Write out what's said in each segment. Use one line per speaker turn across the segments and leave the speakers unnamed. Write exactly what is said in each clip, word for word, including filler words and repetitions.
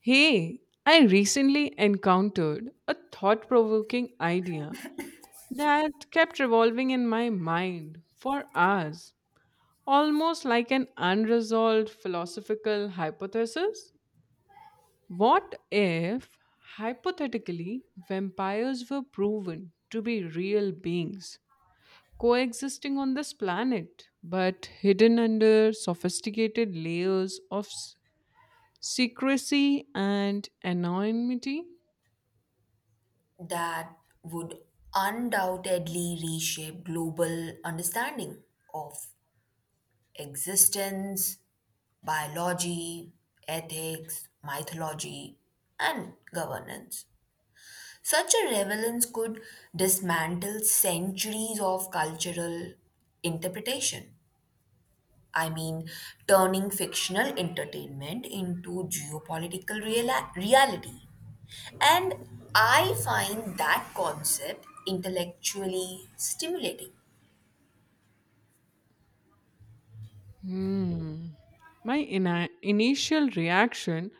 Hey, I recently encountered a thought provoking idea that kept revolving in my mind for hours, almost like an unresolved philosophical hypothesis. What if, hypothetically, vampires were proven to be real beings coexisting on this planet but hidden under sophisticated layers of s- secrecy and anonymity?
That would undoubtedly reshape global understanding of existence, biology, ethics, mythology, and governance. Such a relevance could dismantle centuries of cultural interpretation, I mean, turning fictional entertainment into geopolitical reala- reality. And I find that concept intellectually stimulating.
Hmm. My ini initial reaction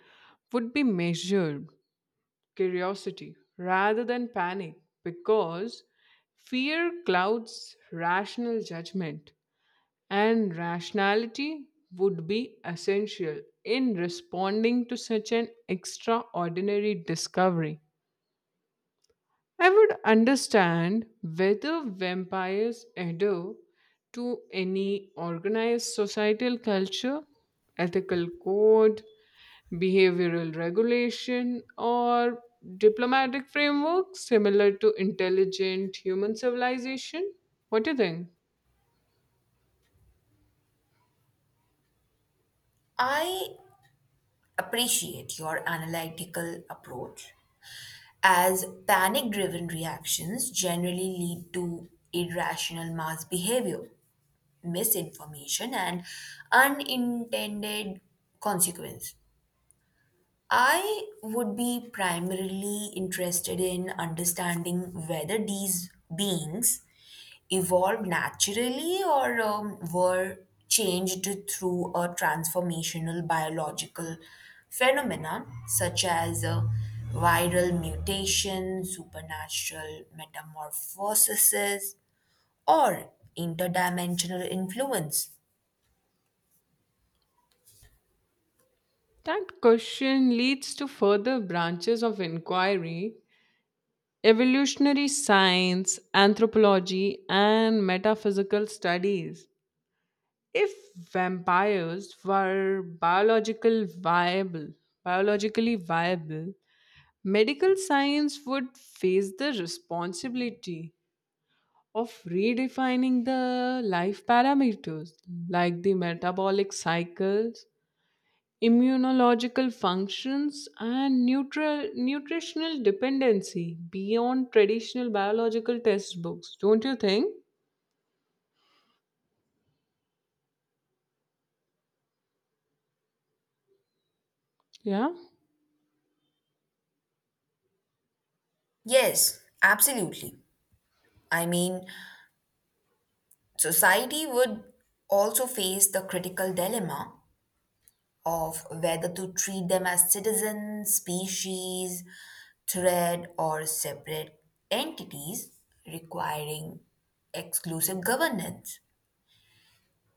would be measured curiosity rather than panic because fear clouds rational judgment, and rationality would be essential in responding to such an extraordinary discovery. I would understand whether vampires adhere to any organized societal culture, ethical code, behavioral regulation, or diplomatic framework similar to intelligent human civilization. What do you think?
I appreciate your analytical approach, as panic driven reactions generally lead to irrational mass behavior, misinformation, and unintended consequence. I would be primarily interested in understanding whether these beings evolved naturally or um, were changed through a transformational biological phenomena such as uh, viral mutation, supernatural metamorphoses, or interdimensional influence.
That question leads to further branches of inquiry evolutionary science, anthropology, and metaphysical studies. If vampires were biological viable, biologically viable, medical science would face the responsibility of redefining the life parameters like the metabolic cycles, immunological functions, and nutri- nutritional dependency beyond traditional biological textbooks. Don't you think? Yeah.
Yes, absolutely. I mean, Society would also face the critical dilemma of whether to treat them as citizens, species, thread, or separate entities requiring exclusive governance.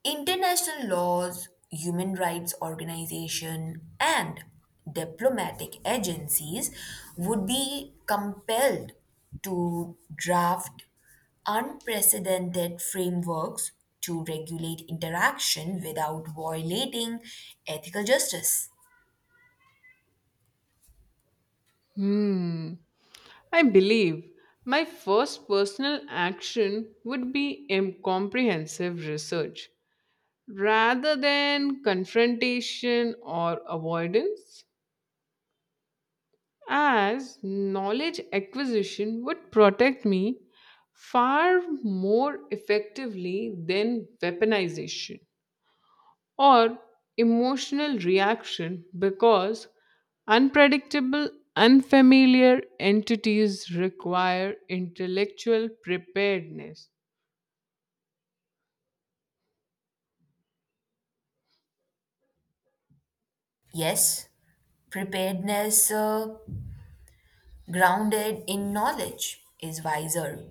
International laws, human rights organizations, and diplomatic agencies would be compelled to draft unprecedented frameworks to regulate interaction without violating ethical justice.
Hmm. I believe my first personal action would be em- comprehensive research rather than confrontation or avoidance, as knowledge acquisition would protect me far more effectively than weaponization. Or emotional reaction because unpredictable, unfamiliar entities require intellectual preparedness.
Yes, preparedness uh, grounded in knowledge is wiser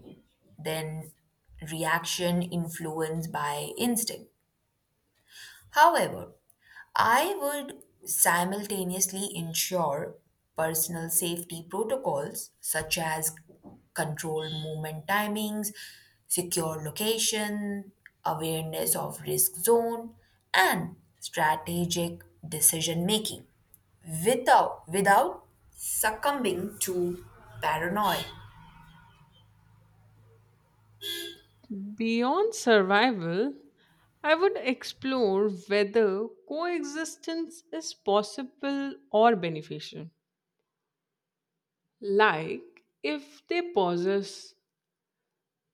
than reaction influenced by instinct. However, I would simultaneously ensure personal safety protocols such as controlled movement timings, secure location, awareness of risk zone, and strategic decision making without, without succumbing to paranoia.
Beyond survival, I would explore whether coexistence is possible or beneficial. Like if they possess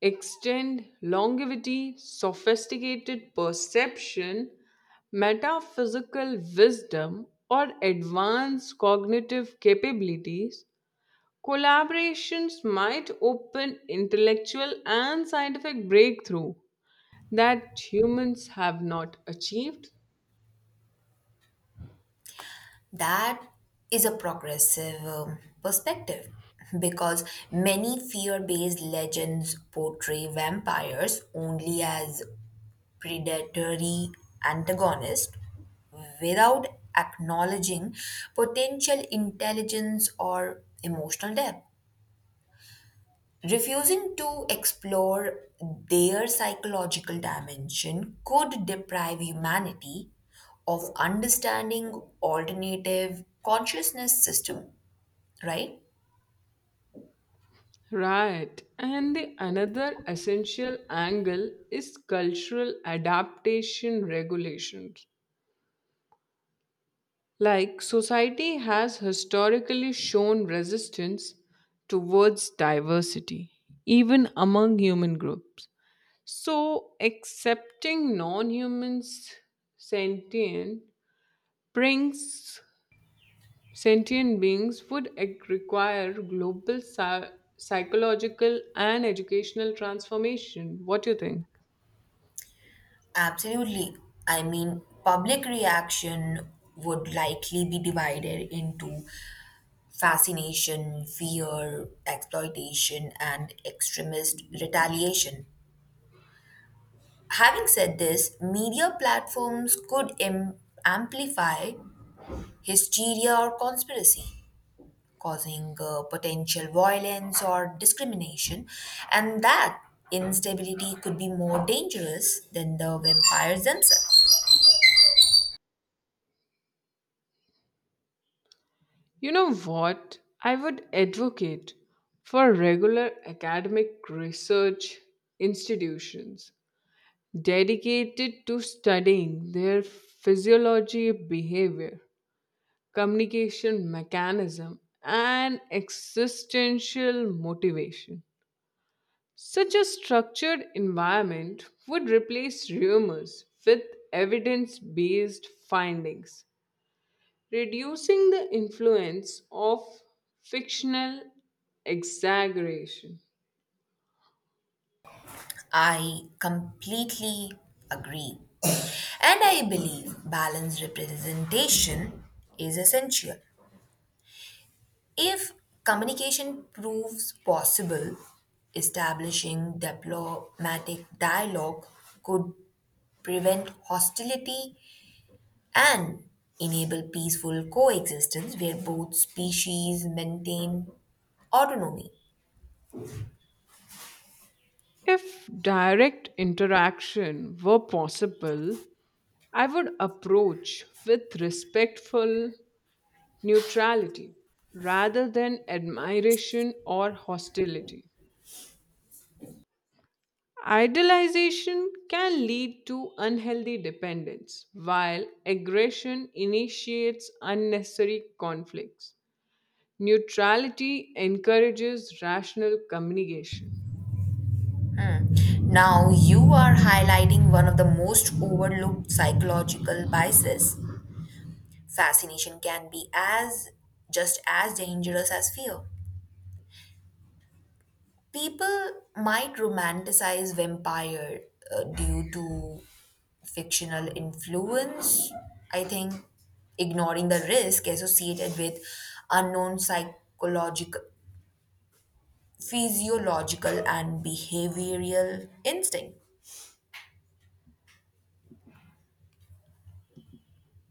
extend longevity, sophisticated perception, metaphysical wisdom, or advanced cognitive capabilities, collaborations might open intellectual and scientific breakthrough that humans have not achieved.
That is a progressive um, perspective because many fear based legends portray vampires only as predatory antagonists without acknowledging potential intelligence or emotional depth. Refusing to explore their psychological dimension could deprive humanity of understanding alternative consciousness system, right?
Right. And the another essential angle is cultural adaptation regulations. Like society has historically shown resistance towards diversity, even among human groups. So, accepting non humans sentient brings sentient beings would ec- require global psy- psychological and educational transformation. What do you think?
Absolutely. I mean, public reaction would likely be divided into fascination, fear, exploitation, and extremist retaliation. Having said this, media platforms could am- amplify hysteria or conspiracy, causing uh, potential violence or discrimination, and that instability could be more dangerous than the vampires themselves.
You know what? I would advocate for regular academic research institutions dedicated to studying their physiology, behavior, communication mechanism, and existential motivation. Such a structured environment would replace rumors with evidence based findings reducing the influence of fictional exaggeration.
I completely agree. And I believe balanced representation is essential. If communication proves possible, establishing diplomatic dialogue could prevent hostility and enable peaceful coexistence where both species maintain autonomy.
If direct interaction were possible, I would approach with respectful neutrality rather than admiration or hostility. Idealization can lead to unhealthy dependence, while aggression initiates unnecessary conflicts. Neutrality encourages rational communication.
Hmm. Now, you are highlighting one of the most overlooked psychological biases. Fascination can be as just as dangerous as fear. People might romanticize vampire uh, due to fictional influence, I think, ignoring the risk associated with unknown psychological physiological and behavioral instinct.